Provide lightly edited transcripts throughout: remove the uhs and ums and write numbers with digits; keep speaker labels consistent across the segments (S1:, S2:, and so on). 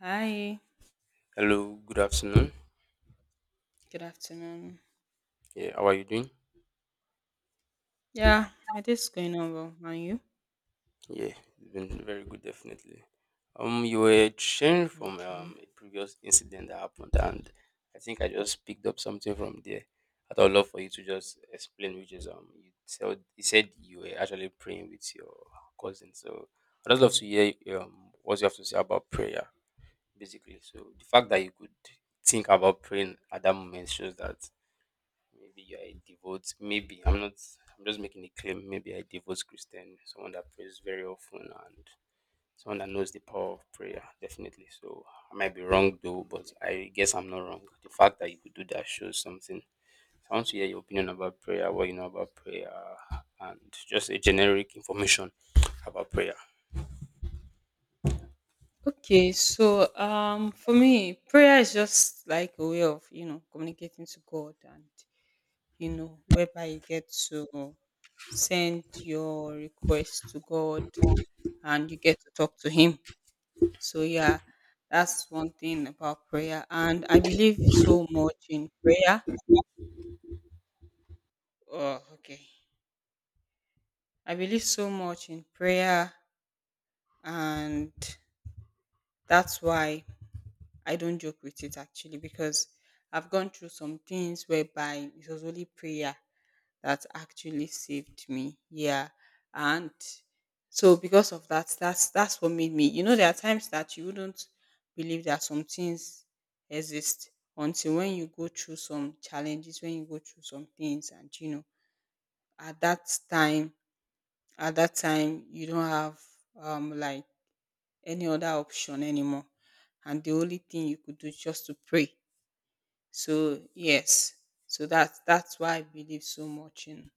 S1: Hi,
S2: Hello, good afternoon.
S1: good afternoon.
S2: Yeah, how are you doing?
S1: Yeah, my day's going on well. And you?
S2: Yeah, it's been very good, definitely. You were sharing from
S1: Okay.
S2: a previous incident that happened, and I think I just picked up something from there. I would love for you to just explain, which is you said you were actually praying with your cousin. So I'd just love to hear what you have to say about prayer, basically. So the fact that you could think about praying at that moment shows that maybe I devote. Maybe I'm not. I'm just making a claim. Maybe I devote Christian, someone that prays very often and someone that knows the power of prayer. Definitely. So I might be wrong though, but I guess I'm not wrong. The fact that you could do that shows something. So I want to hear your opinion about prayer, what you know about prayer, and just a generic information about prayer.
S1: Okay, so for me, prayer is just like a way of, you know, communicating to God, and you know, whereby you get to send your request to God and you get to talk to him. So yeah, that's one thing about prayer, and I believe so much in prayer. Oh, okay. I believe so much in prayer, and that's why I don't joke with it actually, because I've gone through some things whereby it was only prayer that actually saved me. Yeah. And so because of that, that's what made me, you know, there are times that you wouldn't believe that some things exist until when you go through some challenges, when you go through some things, and you know at that time at that time you don't have like any other option anymore. And the only thing you could do is just to pray. So yes. So that's why I believe so much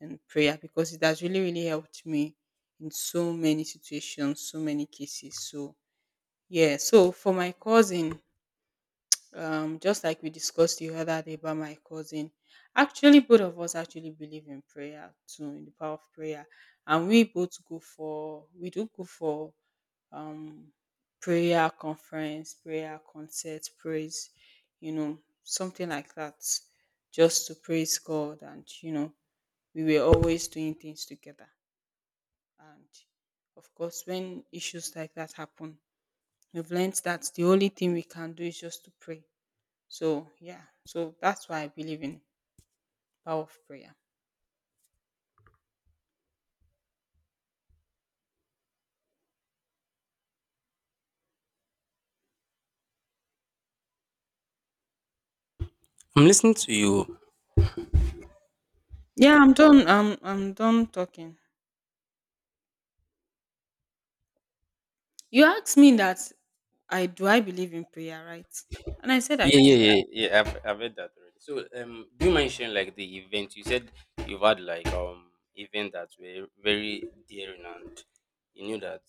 S1: in prayer because it has really, really helped me in so many situations, so many cases. So yeah, so for my cousin, just like we discussed the other day about my cousin, actually both of us actually believe in prayer too, in the power of prayer. And we both go for we do go for um, prayer conference, prayer concert, praise, you know, something like that, just to praise God. And, you know, we were always doing things together. And of course, when issues like that happen, we've learned that the only thing we can do is just to pray. So, yeah, so that's why I believe in power of prayer.
S2: I'm listening to you.
S1: Yeah, I'm done. I'm done talking. You asked me that I believe in prayer, right? And I said I
S2: Yeah, yeah,
S1: do.
S2: yeah, yeah. I've read that already. So, do you mind sharing like the event? You said you've had like event that were very daring, and you knew that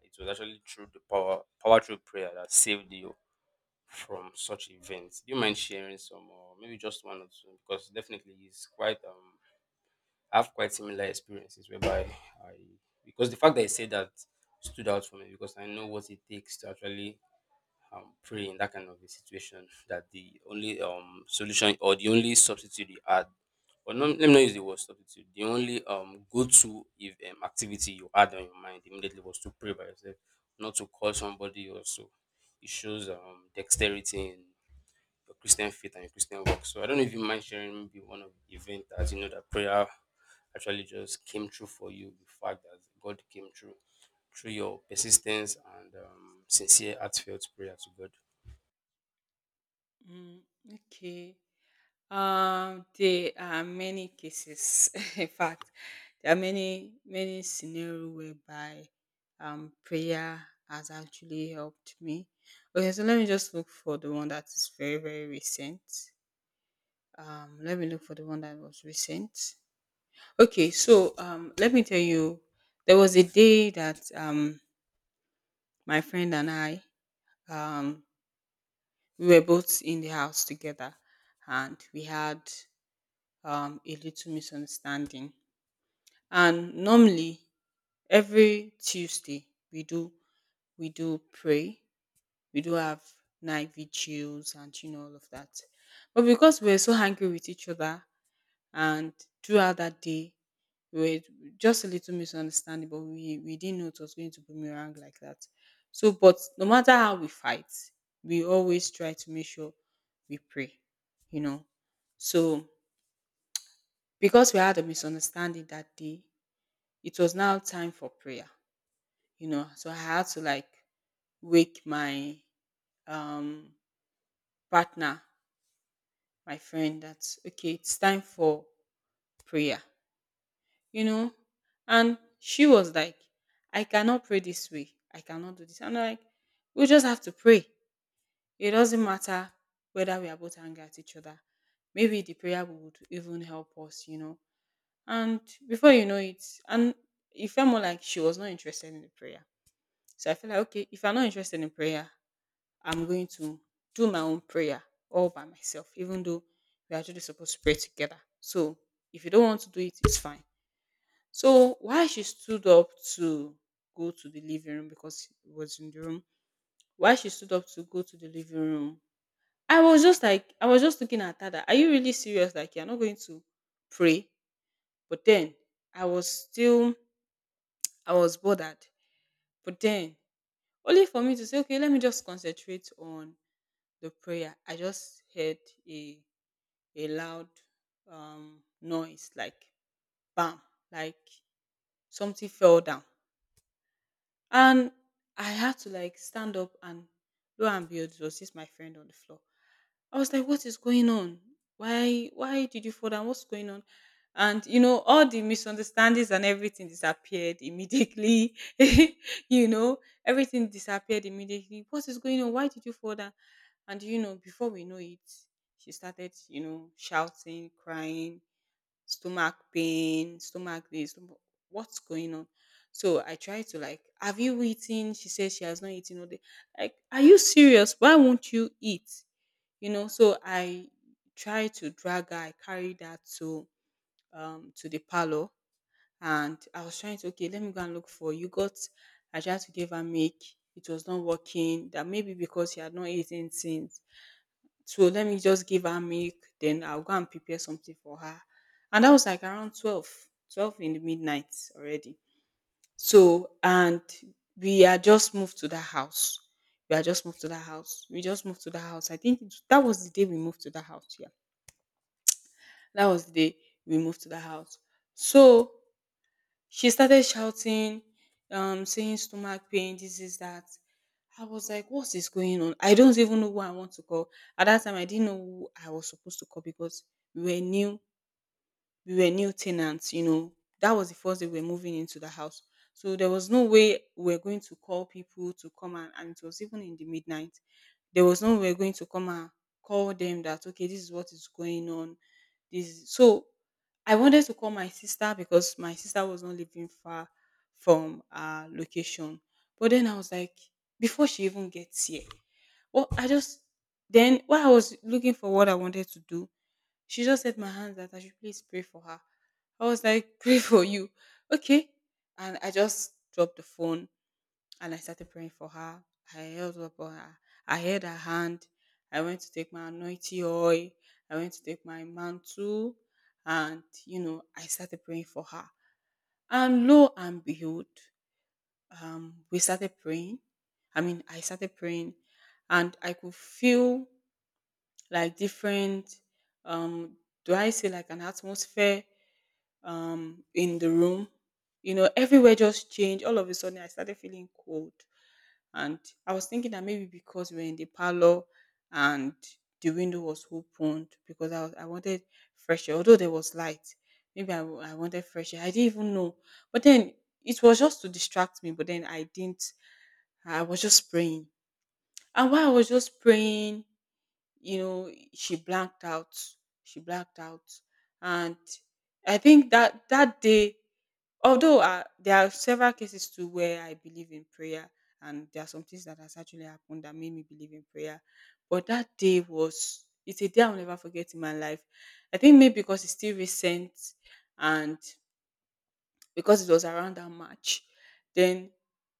S2: it was actually through the power through prayer that saved you from such events. Do you mind sharing some, or maybe just one or two? Because definitely it's quite I have quite similar experiences whereby I because the fact that I said that stood out for me because I know what it takes to actually pray in that kind of a situation that the only solution or the only substitute you add or no, let me not use the word substitute, the only go-to if activity you had on your mind immediately was to pray by yourself, not to call somebody, or so it shows dexterity in your Christian faith and your Christian work. So I don't know if you mind sharing maybe one of the event that you know that prayer actually just came true for you, the fact that God came true through your persistence and sincere heartfelt prayer to God.
S1: Mm, okay. There are many cases. In fact, there are many scenario whereby prayer has actually helped me. Okay, so let me just look for the one that is very recent. Let me look for the one that was recent. Okay, so let me tell you, there was a day that my friend and I um we were both in the house together, and we had a little misunderstanding. And normally every Tuesday we do pray, we do have night vigils and you know all of that. But because we were so angry with each other, and throughout that day we were just a little misunderstanding, but we didn't know it was going to boomerang like that. So, but no matter how we fight, we always try to make sure we pray, you know. So, because we had a misunderstanding that day, it was now time for prayer, you know. So I had to like wake my um partner, my friend. That's okay, it's time for prayer, you know. And she was like, I cannot pray this way. I cannot do this. I'm like, we just have to pray. It doesn't matter whether we are both angry at each other. Maybe the prayer would even help us, you know. And before you know it, and it felt more like she was not interested in the prayer. So I feel like, okay, if I'm not interested in prayer, I'm going to do my own prayer all by myself, even though we're actually supposed to pray together. So if you don't want to do it, it's fine. So why she stood up to go to the living room, because it was in the room. Why she stood up to go to the living room? I was just like, I was just looking at her that, are you really serious? Like, you're not going to pray. But then I was still, I was bothered. But then only for me to say, okay, let me just concentrate on the prayer, I just heard a a loud noise like bam, like something fell down. And I had to like stand up, and lo and behold, it was just my friend on the floor. I was like, what is going on? Why did you fall down? What's going on? And you know, all the misunderstandings and everything disappeared immediately. You know, everything disappeared immediately. What is going on? Why did you fall down? And you know, before we know it, she started, you know, shouting, crying, stomach pain, stomach this, stomach, what's going on? So I tried to like, have you eaten? She says she has not eaten all day. Like, are you serious? Why won't you eat? You know, so I tried to drag her, I carried her to the parlor, and I was trying to, okay, let me go and look for you. Got, I tried to give her milk, it was not working, that maybe because she had not eaten since, so let me just give her milk, then I'll go and prepare something for her. And that was like around 12, 12 in the midnight already. So, and we are just moved to that house. We are just moved to that house. We just moved to that house. I think that was the day we moved to that house. Yeah. That was the day we moved to the house. So she started shouting, saying stomach pain, this is that. I was like, what is going on? I don't even know who I want to call. At that time, I didn't know who I was supposed to call because we were new we were new tenants, you know. That was the first day we were moving into the house. So there was no way we were going to call people to come, and it was even in the midnight. There was no way we were going to come and call them that okay, this is what is going on. This is-" so I wanted to call my sister because my sister was not living far from our location. But then I was like, before she even gets here, well, I just then while I was looking for what I wanted to do, she just held my hands that I should please pray for her. I was like, pray for you. Okay. And I just dropped the phone and I started praying for her. I held up on her. I held her hand. I went to take my anointing oil. I went to take my mantle. And, you know, I started praying for her. And lo and behold, we started praying. I mean, I started praying, and I could feel like different um do I say like an atmosphere in the room. You know, everywhere just changed. All of a sudden I started feeling cold. And I was thinking that maybe because we were in the parlor and the window was opened because I wanted fresh air, although there was light. Maybe I wanted fresh air. I didn't even know. But then it was just to distract me, but then I didn't I was just praying. And while I was just praying, you know, she blacked out. And I think that that day, although there are several cases too where I believe in prayer, and there are some things that has actually happened that made me believe in prayer, but that day was, it's a day I'll never forget in my life. I think maybe because it's still recent, and because it was around that match. Then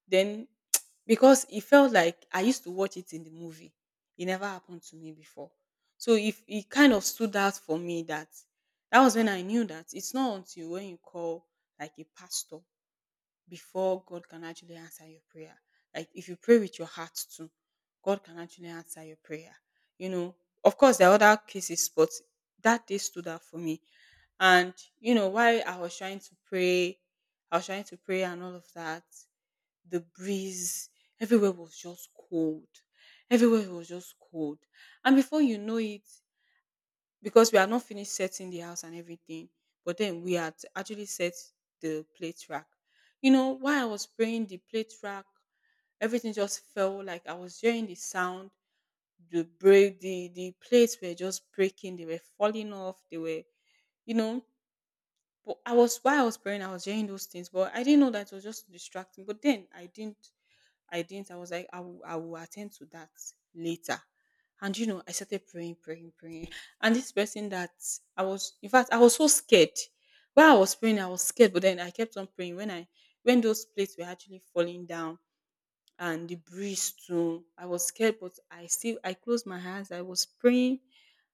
S1: then because it felt like I used to watch it in the movie. It never happened to me before. So if it kind of stood out for me that that was when I knew that it's not until when you call like a pastor before God can actually answer your prayer. Like if you pray with your heart too, God can actually answer your prayer. You know, of course, there are other cases, but that day stood out for me. And you know, while I was trying to pray, I was trying to pray and all of that, the breeze, everywhere was just cold. Everywhere was just cold. And before you know it, because we are not finished setting the house and everything, but then we had actually set the plate rack. You know, while I was praying, the plate rack, everything just felt like I was hearing the sound. The break, the plates were just breaking. They were falling off. They were, you know. But I was while I was praying, I was hearing those things, but I didn't know that it was just distracting. But then I didn't. I was like, I will attend to that later. And you know, I started praying, praying, praying. And this person that in fact, I was so scared. While I was praying, I was scared, but then I kept on praying. When those plates were actually falling down and the breeze too, I was scared, but I closed my eyes. I was praying.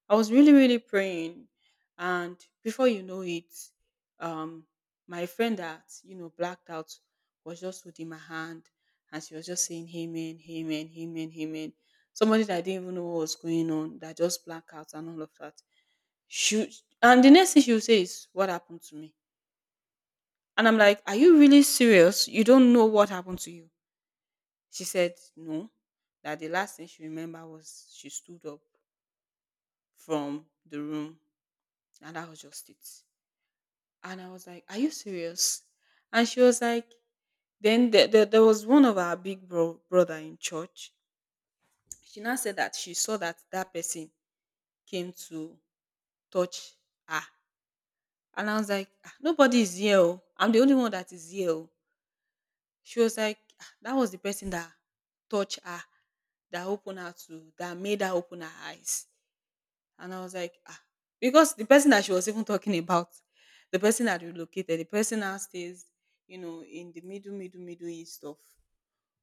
S1: I was really, really praying. And before you know it, um, my friend that, you know, blacked out was just holding my hand and she was just saying, "Amen, Amen, Amen, Amen." Somebody that didn't even know what was going on, that just blacked out and all of that. She, and the next thing she would say is, "What happened to me?" And I'm like, "Are you really serious? You don't know what happened to you?" She said, "No. That the last thing she remembered was she stood up from the room, and that was just it." And I was like, "Are you serious?" And she was like, there was one of our brother in church. She now said that she saw that that person came to touch her. And I was like, "Ah, nobody is here, oh. I'm the only one that is here, oh." She was like, "Ah, that was the person that touched her, that made her open her eyes." And I was like, ah, because the person that she was even talking about, the person that relocated, the person now stays, you know, in the middle east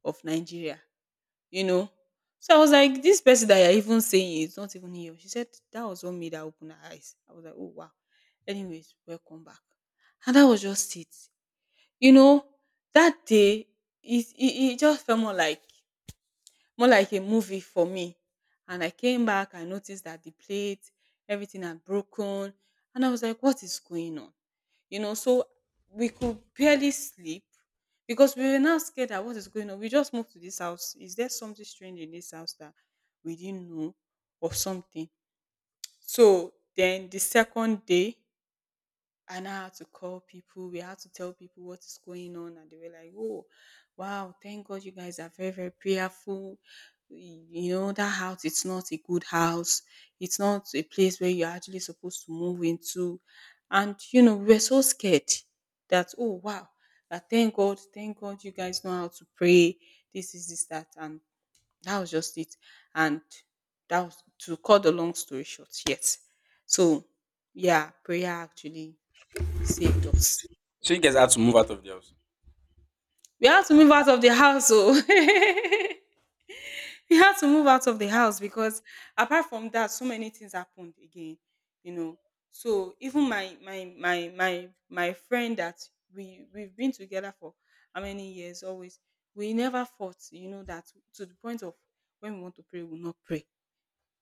S1: of Nigeria, you know. So I was like, "This person that you're even saying is not even here." She said that was what made her open her eyes. I was like, "Oh wow. Anyways, welcome back." And that was just it. You know, that day it just felt more like a movie for me. And I came back, I noticed that the plate, everything had broken. And I was like, "What is going on?" You know, so we could barely sleep because we were now scared that what is going on. We just moved to this house. Is there something strange in this house that we didn't know or something? So then the second day, I now had to call people. We had to tell people what is going on, and they were like, "Oh, wow! Thank God you guys are very, very prayerful. You know that house. It's not a good house. It's not a place where you're actually supposed to move into." And you know, we were so scared that, "Oh, wow! That thank God, you guys know how to pray. This is this that." And that was just it. And that was, to cut the long story short. Yes. So yeah, prayer actually saved us.
S2: So you guys had to move out of the house.
S1: We had to move out of the house, so we had to move out of the house because apart from that, so many things happened again, you know. So even my friend that we've been together for how many years, always we never fought, you know, that to the point of when we want to pray, we will not pray.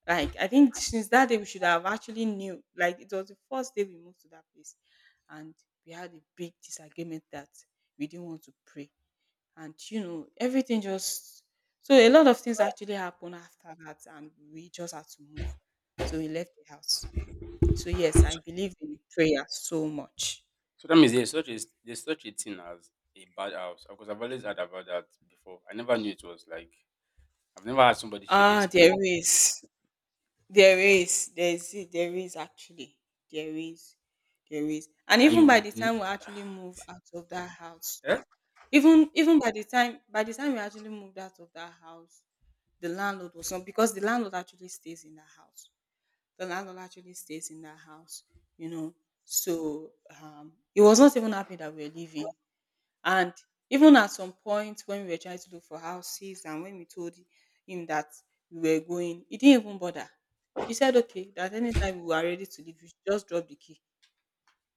S1: Like I think since that day we should have actually knew. Like it was the first day we moved to that place and we had a big disagreement that we didn't want to pray, and you know everything just, so a lot of things actually happened after that and we just had to move, so we left the house. So yes, I believe in prayer so much.
S2: So that means there's such a thing as a bad house, because I've always heard about that before. I never knew it was like, I've never had somebody share the
S1: Ah, there
S2: experience.
S1: is there is there is there is actually there is there is. And
S2: And you
S1: even by
S2: would
S1: the
S2: kn-
S1: time we actually move out of that house,
S2: eh?
S1: even even by the time we actually moved out of that house, the landlord was not, because the landlord actually stays in the house. The landlord actually stays in that house, you know. So he was not even happy that we were leaving. And even at some point when we were trying to look for houses and when we told him that we were going, he didn't even bother. He said, "Okay, that anytime we are ready to leave, you should just drop the key."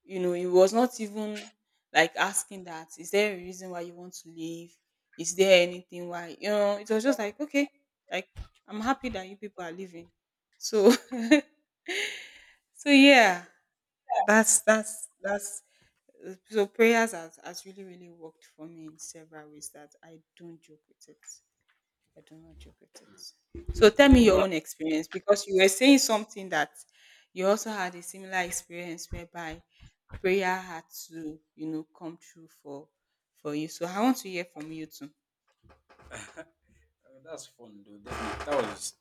S1: You know, he was not even like asking that, "Is there a reason why you want to leave? Is there anything why?" You know, it was just like, "Okay, like I'm happy that you people are leaving." So, so yeah. That's so prayers has really really worked for me in several ways that I don't joke with it. I do not joke with it. So tell me your
S2: That
S1: own experience, because you were saying something that you also had a similar experience whereby prayer had to, you know, come true for you. So I want to hear from you too.
S2: that's fun though. Definitely. That was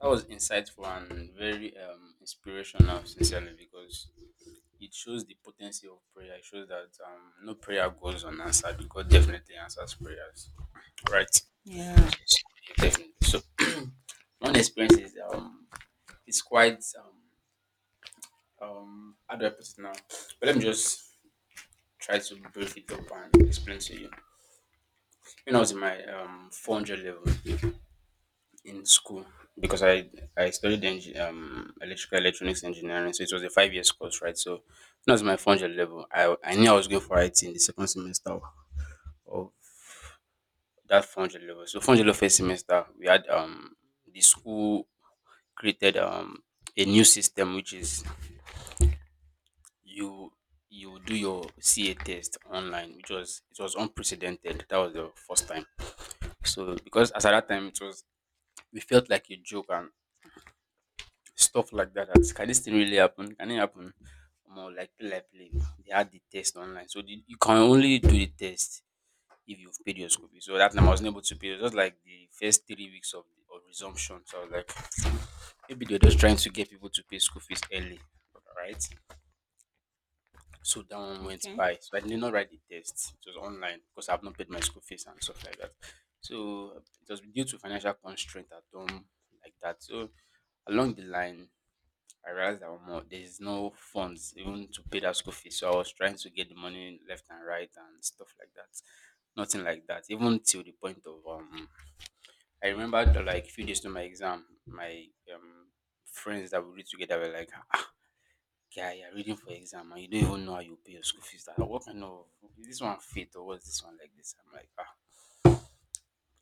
S2: that was insightful and very inspirational, sincerely, because it shows the potency of prayer. It shows that no prayer goes unanswered, because God definitely answers prayers. All right.
S1: Yeah.
S2: Yes, definitely. So one experience is it's quite how do I put it now? But let me just try to break it up and explain to you. When I was in my 400 level in school, because I studied electrical electronics engineering, so it was a 5 years course, right? So when I was in my 400 level, I knew I was going for IT in the second semester of that 400 level. So 400 level first semester, we had the school created a new system, which is you you do your CA test online, which was, it was unprecedented. That was the first time. So because as at that time it was, we felt like a joke and stuff like that. That, can this thing really happen? Can it happen? More like play like play. They had the test online. So you can only do the test if you've paid your school fees. So that time I wasn't able to pay. It was just like the first 3 weeks of the of resumption. So I was like, maybe they're just trying to get people to pay school fees early. Right? So that one went
S1: Okay.
S2: by. So I did not write the test. It was online because I've not paid my school fees and stuff like that. So it was due to financial constraint at home, like that. So along the line, I realized that omo, there is no funds even to pay that school fees. So I was trying to get the money left and right and stuff like that. Nothing like that. Even till the point of I remember like few days to my exam, my um friends that we read together were like, yeah, you're reading for exam and you don't even know how you pay your school fees. Like, what kind of is this one fit or what's this one like this? I'm like, ah,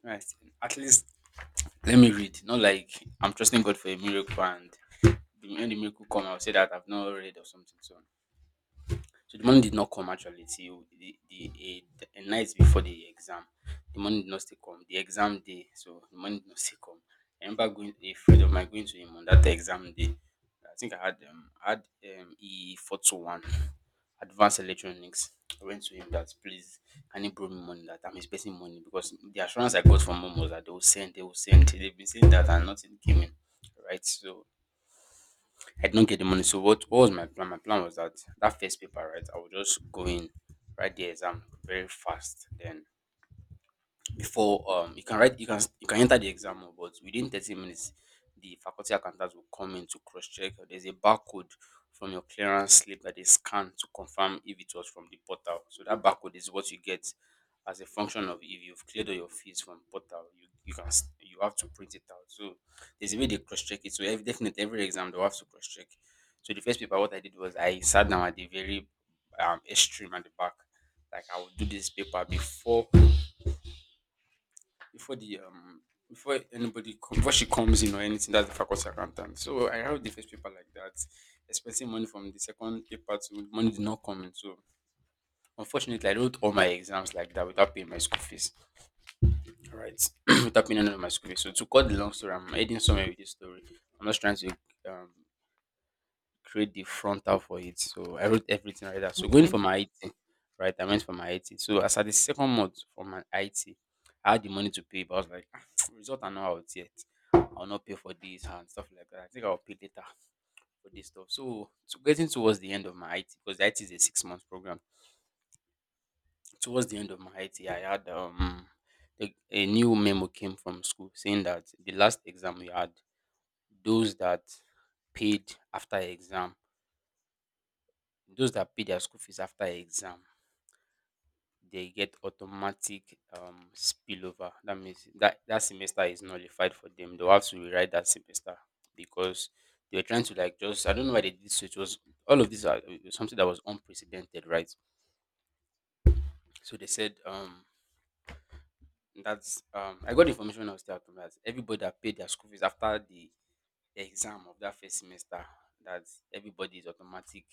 S2: right. At least let me read. Not like I'm trusting God for a miracle and the- when the miracle come, I'll say that I've not read or something. So the money did not come actually till the a night before the exam. The money did not still come. The exam day, so the money did not still come. I remember going a friend of mine going to him on that exam day. I think I had E 421 advanced electronics. I went to him that please, can you borrow me money, that I'm expecting money, because the assurance I got from mom was that they will send. They've been saying that and nothing came in. Right. So I did not get the money. So what was my plan? My plan was that that first paper, right? I would just go in, write the exam very fast, then before you can write you can, you can enter the exam hall, but within 30 minutes the faculty accountants will come in to cross check. There's a barcode from your clearance slip that they scan to confirm if it was from the portal. So that barcode is what you get as a function of, if you've cleared all your fees from portal, you can s- you have to print it out. So there's a way they cross check it. So every, definitely every exam they'll have to cross check. So the first paper, what I did was I sat down at the very extreme at the back. Like, I would do this paper before before the before anybody come, before she comes in or anything, that's the faculty accountant. So I have the first paper like that, expecting money from the second paper to. Money did not come in. So unfortunately I wrote all my exams like that without paying my school fees. All right, without paying any of my school fees. So to cut the long story, I'm heading somewhere with this story. I'm just trying to um create the frontal for it. So I wrote everything like that. So going
S1: Okay.
S2: for my IT, right? I went for my IT. So as at the second month for my IT, I had the money to pay, but I was like, "Ah, result are not out yet. I'll not pay for this and stuff like that. I think I'll pay later for this stuff." So, so getting towards the end of my IT, because IT is a 6 month program. Towards the end of my IT, I had a new memo came from school saying that the last exam we had, those that paid after exam, those that pay their school fees after exam, they get automatic spillover. That means that that semester is nullified for them. They'll have to rewrite that semester, because they were trying to like just, I don't know why they did so. It was, all of this are, it was something that was unprecedented, right? So they said that's I got information when I was still at home that everybody that paid their school fees after the exam of that first semester, that everybody is automatic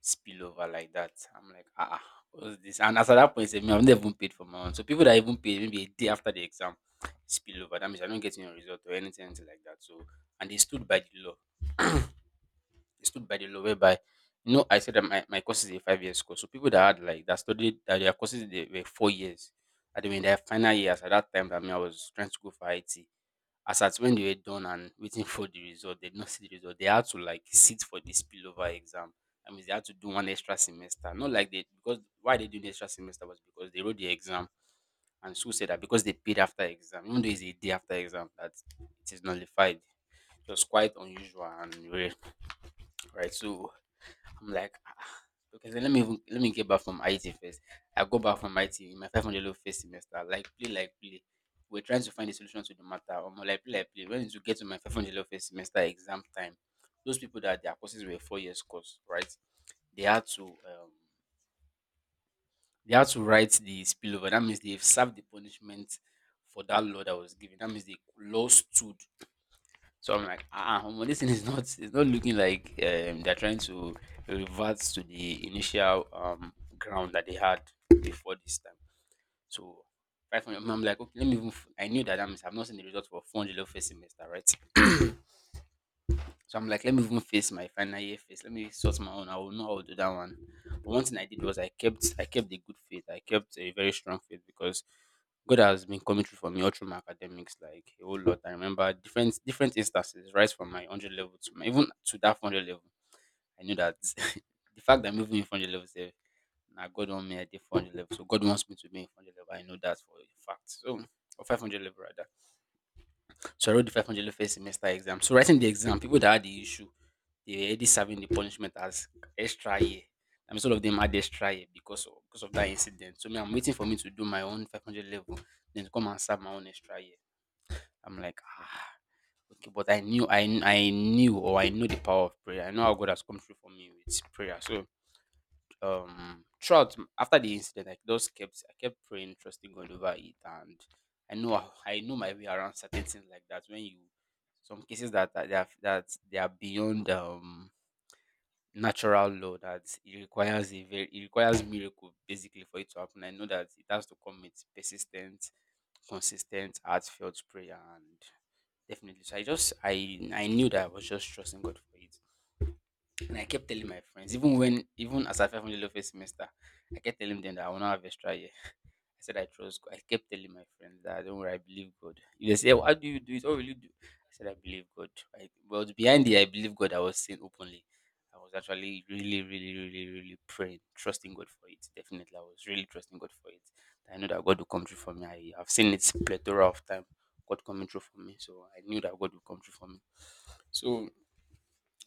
S2: spill over like that. I'm like, ah, ah, what's this? And as at that point, sef, me, I've never even paid for my own. So people that even paid maybe a day after the exam spill over. That means I don't get any result or anything, anything like that. So and they stood by the law. It stood by the law whereby, you know, I said that my course is a 5 years course. So people that had like that studied that their courses they were 4 years and they were in their final years at that time, that mean, I was trying to go for IT. As at when they were done and waiting for the result, they did not see the result. They had to like sit for the spillover exam. I mean they had to do one extra semester. Not like they because why they do the extra semester was because they wrote the exam and school said that because they paid after exam, even though it's a day after exam, that it is nullified. It was quite unusual, and we were, right? So I'm like, "Ah, okay, so let me get back from IT first. I go back from IT in my 500 level first semester, like play, like play. We're trying to find a solution to the matter. Or more like play, like play. When to get to my 500 level first semester exam time, those people that their courses were 4 years course, right? They had to write the spillover. That means they've served the punishment for that law that was given. That means the law stood. So I'm like, ah, omo, this thing is not it's not looking like they're trying to revert to the initial ground that they had before this time. So 500. I'm like, okay, let me. Even, I knew that I've not seen the result for 400 level first semester, right? So I'm like, let me even face my final year face. Let me sort my own. I will know how to do that one. But one thing I did was I kept the good faith. I kept a very strong faith because God has been coming through for me all through my academics, like a whole lot. I remember different instances, right from my 100 level to my, even to that 400 level. I knew that the fact that I'm even in 400 level, say, now God want me at the 400 level, so God wants me to be in 400 level. I know that for a fact. So, or 500 level rather. So I wrote the 500 first semester exam. So writing the exam, people that had the issue, they were already serving the punishment as extra year. I mean, some of them had extra year because of that incident. So me, I'm waiting for me to do my own 500 level, then to come and serve my own extra year. I'm like, ah, okay, but I knew, or I know the power of prayer. I know how God has come through for me with prayer. So after the incident, I just kept praying, trusting God over it, and I know my way around certain things like that. When you some cases that they are beyond natural law that it requires miracle basically for it to happen. I know that it has to come with persistent, consistent, heartfelt prayer and definitely. So I knew that I was just trusting God for it. And I kept telling my friends, even as I fell from the first semester, I kept telling them that I will not have extra year. I said I trust God. I kept telling my friends that don't worry, I believe God. If they say, "How do you do it? What will you do?" I said, "I believe God." But behind the "I believe God," I was saying openly, I was actually really, really, really, really praying, trusting God for it. Definitely, I was really trusting God for it. I know that God will come through for me. I've seen it plethora of time, God coming through for me, so I knew that God will come through for me. So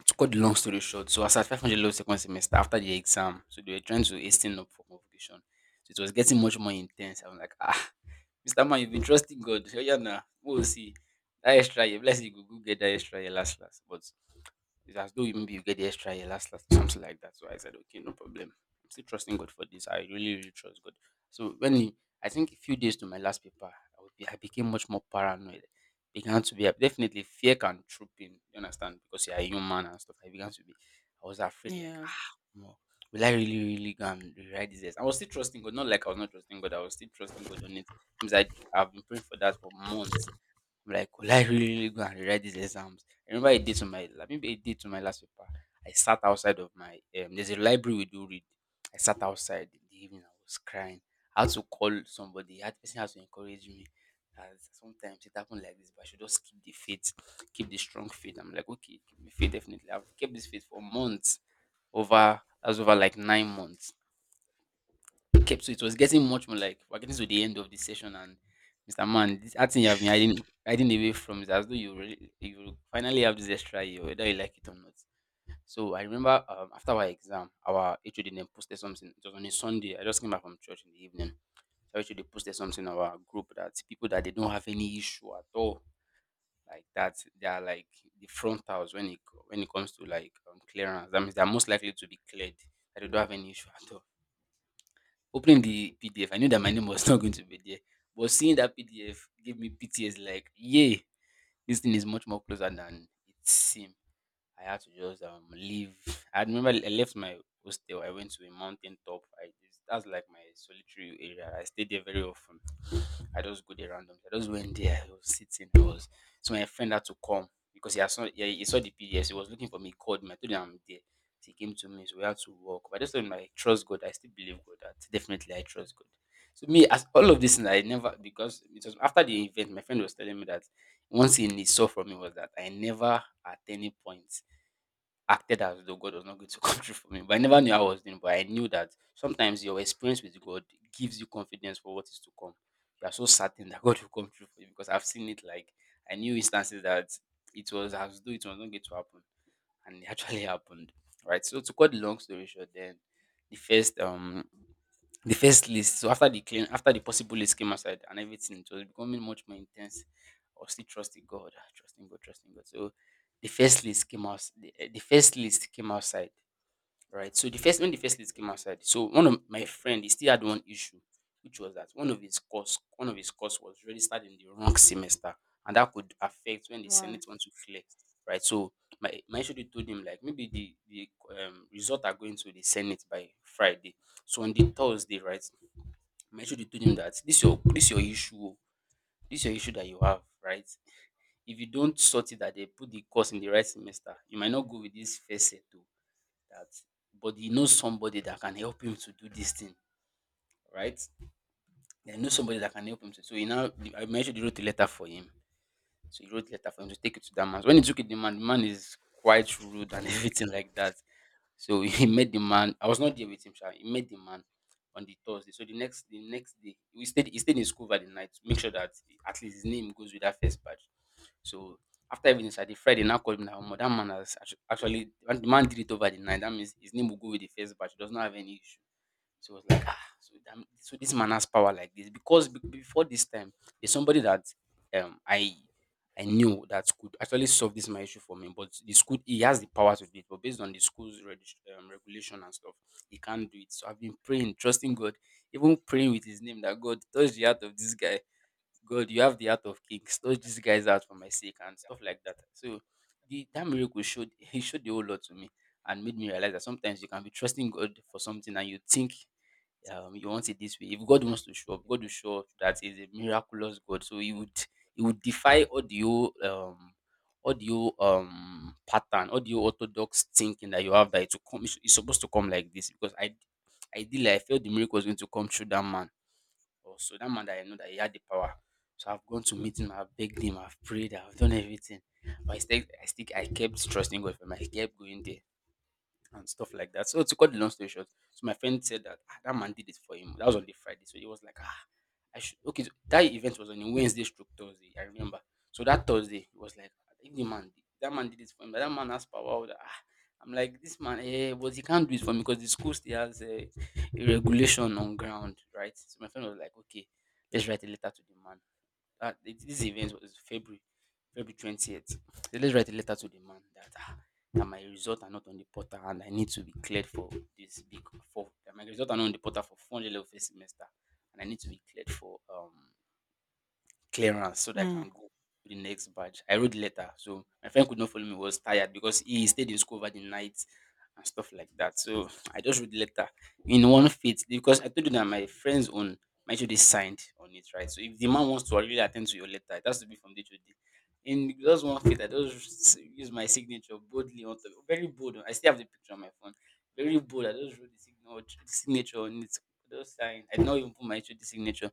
S2: to cut the long story short, so I was at 500 level second semester after the exam. So they were trying to hasten up for convocation. So it was getting much more intense. I was like, ah, Mr. Man, you've been trusting God. So yeah, now we'll see. That extra year, bless you, go get that extra year last last. But it's as though you maybe you get the extra year last last, something like that. So I said, okay, no problem. I'm still trusting God for this. I really, really trust God. So I think a few days to my last paper, I became much more paranoid. I began to be definitely fear can troop in, you understand, because you are human and stuff. I began to be, I was afraid, like,
S1: Yeah.
S2: ah, no, will I really, really go and rewrite this? I was still trusting God, not like I was not trusting God, I was still trusting God on it. Sometimes I've been praying for that for months. I'm like, will I really really go and rewrite these exams? I remember I did, maybe a day to my last paper. I sat outside of my there's a library we do read. I sat outside in the evening. I was crying. I had to call somebody. That person has to encourage me. As sometimes it happened like this, but I should just keep the faith, keep the strong faith. I'm like, okay, keep the faith definitely. I've kept this faith for months, over that's over like 9 months. Okay, so it was getting much more like we're getting to the end of the session, and Mr. Man, this acting you have been hiding away from is as though you really, you finally have this extra year, whether you like it or not. So I remember after our exam, our HOD then posted something. It was on a Sunday. I just came back from church in the evening. So actually they posted something on our group that people that they don't have any issue at all, like that they are like the frontals when it comes to like clearance, that means they're most likely to be cleared, that they don't have any issue at all. Opening the PDF, I knew that my name was not going to be there. But seeing that PDF gave me PTSD, like, yay, this thing is much more closer than it seemed. I had to just leave. I remember I left my hostel. I went to a mountain top. I just, that's like my solitary area. I stayed there very often. I just go there randomly. I just went there. I was sitting. I was. So my friend had to come because he saw the PDS. He was looking for me. He called me. I told him I'm there. So he came to me. So we had to walk. But I just told him I trust God. I still believe God. That definitely I trust God. So me as all of this, and I never, because it was after the event. My friend was telling me that one thing he saw from me was that I never at any point acted as though God was not going to come through for me. But I never knew I was doing, but I knew that sometimes your experience with God gives you confidence for what is to come. You are so certain that God will come through for you because I've seen it, like I knew instances that it was as though it was not going to happen. And it actually happened. Right. So to cut the long story short, then the first um the first list. So after the possible list came outside and everything, it was becoming much more intense. I was still trusting God, ah, trusting God, trusting God. So the first list came outside, right? So the first list came outside, so one of my friend he still had one issue, which was that one of his course was registered in the wrong semester, and that could affect when the
S1: Wow.
S2: senate want to clear, right? So my schedule told him like maybe the result are going to the senate by Friday, so on the Thursday, right? My schedule told him that this your issue, oh, this your issue, that you have, right? If you don't sort it that they put the course in the right semester, you might not go with this first set. Oh, that, but he knows somebody that can help him to do this thing, right? He knows somebody that can help him to. So he now I mentioned he wrote a letter for him. So he wrote a letter for him to take it to that man. So when he took it, the man is quite rude and everything like that. So he met the man. I was not there with him, sha. He met the man on the Thursday. So the next day, we stayed he stayed in school over the night to make sure that at least his name goes with that first batch. So after everything started, Friday now called me now. That man has actually the man did it over the night. That means his name will go with the first batch. He does not have any issue. So I was like, ah, so, damn, so this man has power like this because before this time, there's somebody that um I I knew that could actually solve this my issue for me, but the school he has the power to do it, but based on the school's regulation and stuff, he can't do it. So I've been praying, trusting God, even praying with His name that God touch the heart of this guy. God, you have the heart of kings. Touch these guys out for my sake and stuff like that. So the that miracle showed, he showed the whole lot to me and made me realize that sometimes you can be trusting God for something and you think you want it this way. If God wants to show up, God will show up that he's a miraculous God. So he would defy um all the pattern, all the orthodox thinking that you have that it will come it's supposed to come like this because I ideally I felt the miracle was going to come through that man. Also that man that I know that he had the power. So I've gone to meet him, I've begged him, I've prayed, I've done everything. But I still I kept trusting God for him. I kept going there and stuff like that. So to cut the long story short, so my friend said that, "Ah, that man did it for him." That was on the Friday, so he was like, ah, I should. Okay, so that event was on a Wednesday stroke Thursday. I remember. So that Thursday he was like, I think the man, that man did it for him. That man has power. That, ah, I'm like this man, eh, but he can't do it for me because the school still has a regulation on ground, right? So my friend was like, okay, let's write a letter to the man. This event was February, February 20th. They let's write a letter to the man that ah, that my results are not on the portal and I need to be cleared for this big for that my results are not on the portal for 400 level first semester and I need to be cleared for clearance so that I
S1: Mm.
S2: can go to the next batch. I wrote the letter, so my friend could not follow me. He was tired because he stayed in school over the night and stuff like that. So I just wrote the letter in one fit because I told you that my friends on my HOD signed on it, right? So if the man wants to really attend to your letter, it has to be from day to day. In just one fit, I just use my signature boldly on top. Very bold. I still have the picture on my phone. Very bold. I just wrote signature on it. Just sign. I did not even put my HOD signature.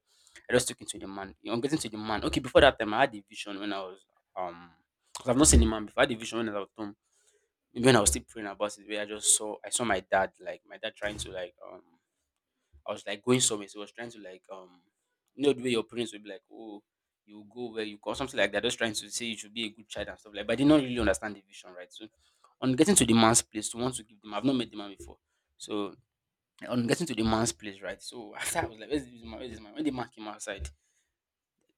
S2: I just took it to the man. You know, getting to the man. Okay, before that time, I had a vision when I was um, because I've not seen the man before. I had a vision when I was at home. Maybe when I was still praying about it, where I just I saw my dad, like my dad trying to like, I was like going somewhere. So he was trying to like, you know the way your parents would be like, oh, you go where you go, something like that. Just trying to say you should be a good child and stuff like. But I did not really understand the vision, right? So on getting to the man's place, to want to give them, I've not met the man before. So on getting to the man's place, right? So after I was like, where's this man? Where's this man? When the man came outside,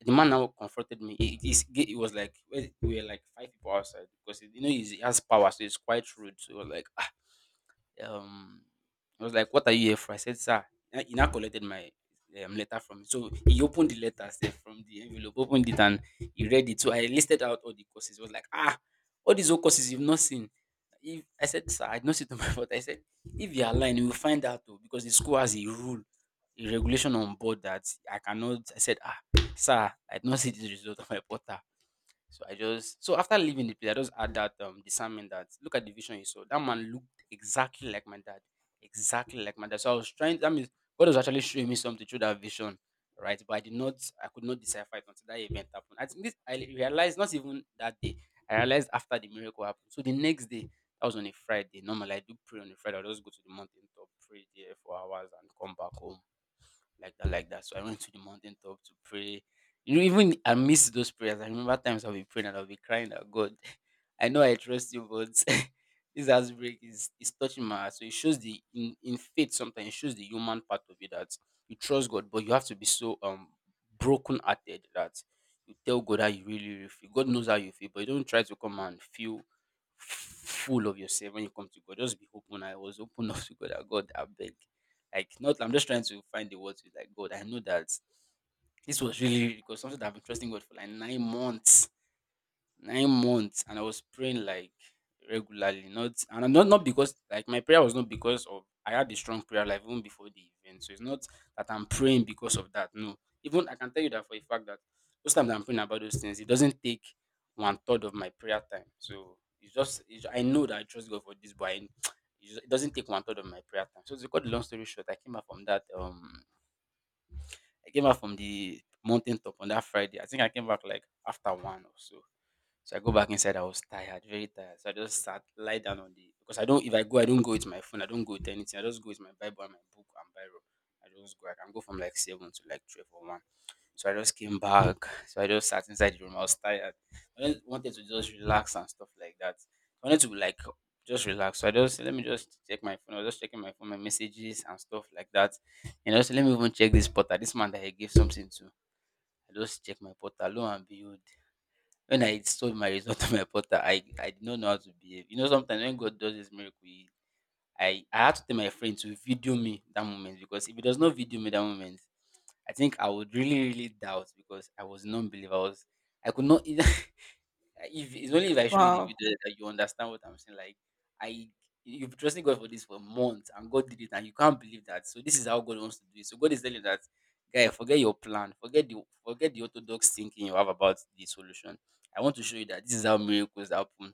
S2: the man now confronted me. He was like, we were like five people outside because you know he has power, so it's quite rude. So he was like, Um, I was like, "What are you here for?" I said, "Sir." He now collected my letter from me. So he opened the letter sef from the envelope, opened it and he read it. So I listed out all the courses. I was like, ah, all these old courses you've not seen. If I said, sir, I did not see to my fault. I said, if you are lying, you will find out though, because the school has a rule, a regulation on board that I cannot. I said, ah, sir, I did not see the result of my portal. So I just so after leaving the place, I just had that discernment that look at the vision you saw. That man looked exactly like my dad, exactly like my dad. So I was trying. That means God was actually showing me something through that vision, right? But I could not decipher it until that event happened. I think this I realized not even that day. I realized after the miracle happened. So the next day, that was on a Friday. Normally I do pray on a Friday. I just go to the mountain top, pray there for hours, and come back home like that, like that. So I went to the mountaintop to pray. You know, even I miss those prayers. I remember times I'll be praying and I'll be crying out, God, I know I trust you, but this heartbreak is touching my heart. So it shows the in faith sometimes it shows the human part of it that you trust God, but you have to be so broken hearted that you tell God how you really, really feel. God knows how you feel, but you don't try to come and feel full of yourself when you come to God. Just be open. I was open up to God. That God, I beg. Like not I'm just trying to find the words with like God. I know that this was really because something that I've been trusting God for like 9 months and I was praying like regularly. Not because like my prayer was not because of I had a strong prayer life even before the event. So it's not that I'm praying because of that. No. Even I can tell you that for a fact that most times that I'm praying about those things, it doesn't take one third of my prayer time. So I know that I trust God for this, but it doesn't take one third of my prayer time. So to cut the long story short, I came back from that I came back from the mountain top on that Friday. I think I came back like after one or so. So I go back inside. I was tired, very tired. So lie down on the because I don't. If I go, I don't go with my phone. I don't go with anything. I just go with my Bible and my book and Bible. I just go. I can go from like seven to like twelve or one. So I just came back. So I just sat inside the room. I was tired. I just wanted to just relax and stuff like that. I wanted to like just relax. So I just let me just check my phone. I was just checking my phone, my messages and stuff like that. And also let me even check this portal. This man that I gave something to. I just check my portal. Lo and behold when I saw my result on my portal, I did not know how to behave. You know, sometimes when God does this miracle, I had to tell my friend to video me that moment because if he does not video me that moment, I think I would really, really doubt because I was non believer. I was I could not either if it's only if I show you the
S1: Wow.
S2: video that you understand what I'm saying. Like I you've trusted God for this for months and God did it and you can't believe that. So this is how God wants to do it. So God is telling you that guy, forget your plan, forget the orthodox thinking you have about the solution. I want to show you that this is how miracles happen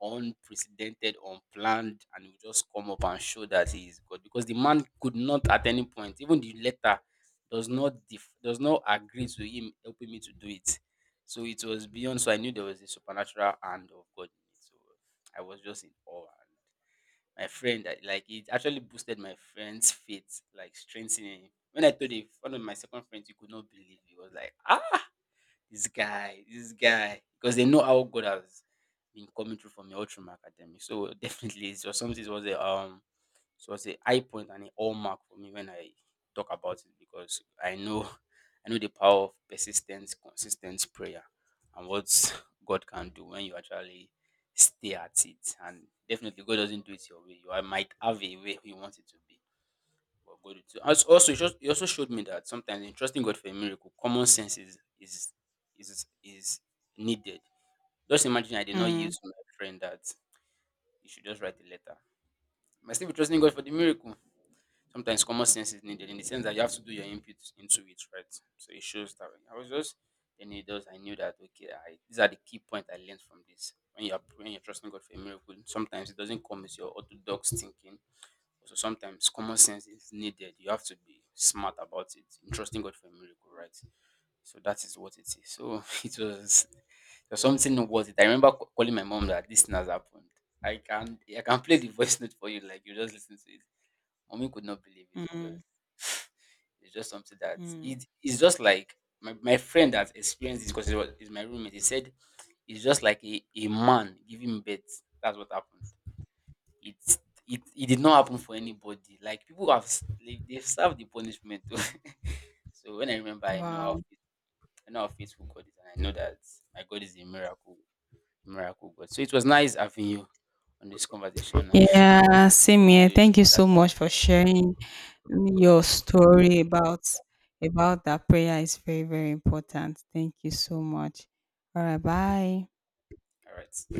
S2: unprecedented, unplanned, and will just come up and show that he is God. Because the man could not at any point, even the letter does not agree to him helping me to do it. So it was beyond. So I knew there was a supernatural hand of God in it. So I was just in awe. And my friend, like it actually boosted my friend's faith, like strengthening him. When I told a one of my second friends, he could not believe. He was like, "Ah, this guy, this guy," because they know how God has been coming through for me all through academic. So definitely, it was something. It was a, so it was a high point and a hallmark for me when I talk about it because I know, I know the power of persistence, consistent prayer, and what God can do when you actually stay at it. And definitely, God doesn't do it your way. You might have a way you want it to be, but God will too. Also, it also showed me that sometimes in trusting God for a miracle, common sense is needed. Just imagine I did not yield
S1: Mm.
S2: to my friend that you should just write a letter. I still be trusting God for the miracle. Sometimes common sense is needed in the sense that you have to do your input into it, right? So it shows that I was just then it does I knew that okay, I these are the key points I learned from this. When you're trusting God for a miracle, sometimes it doesn't come with your orthodox thinking, so sometimes common sense is needed. You have to be smart about it. In trusting God for a miracle, right? So that is what it is. So it was, there was something about it. I remember calling my mom that this thing has happened. I can play the voice note for you, like you just listen to it. Mommy could not believe it
S1: Mm.
S2: because it's just something that
S1: Mm.
S2: it is just like my friend that experienced this because it was is my roommate. He said it's just like a man giving birth. That's what happened. It it did not happen for anybody. Like people have they've served the punishment. Oh. So when I remember, I know how
S1: Wow.
S2: I know how faithful God is, and I know that my God is a miracle, miracle God. So it was nice having you on this conversation. I
S1: Yeah, same
S2: hope to
S1: here.
S2: do it
S1: Thank
S2: some
S1: you
S2: other
S1: so
S2: time.
S1: much for sharing your story about that prayer. It's very, very important. Thank you so much. All right, bye.
S2: All right.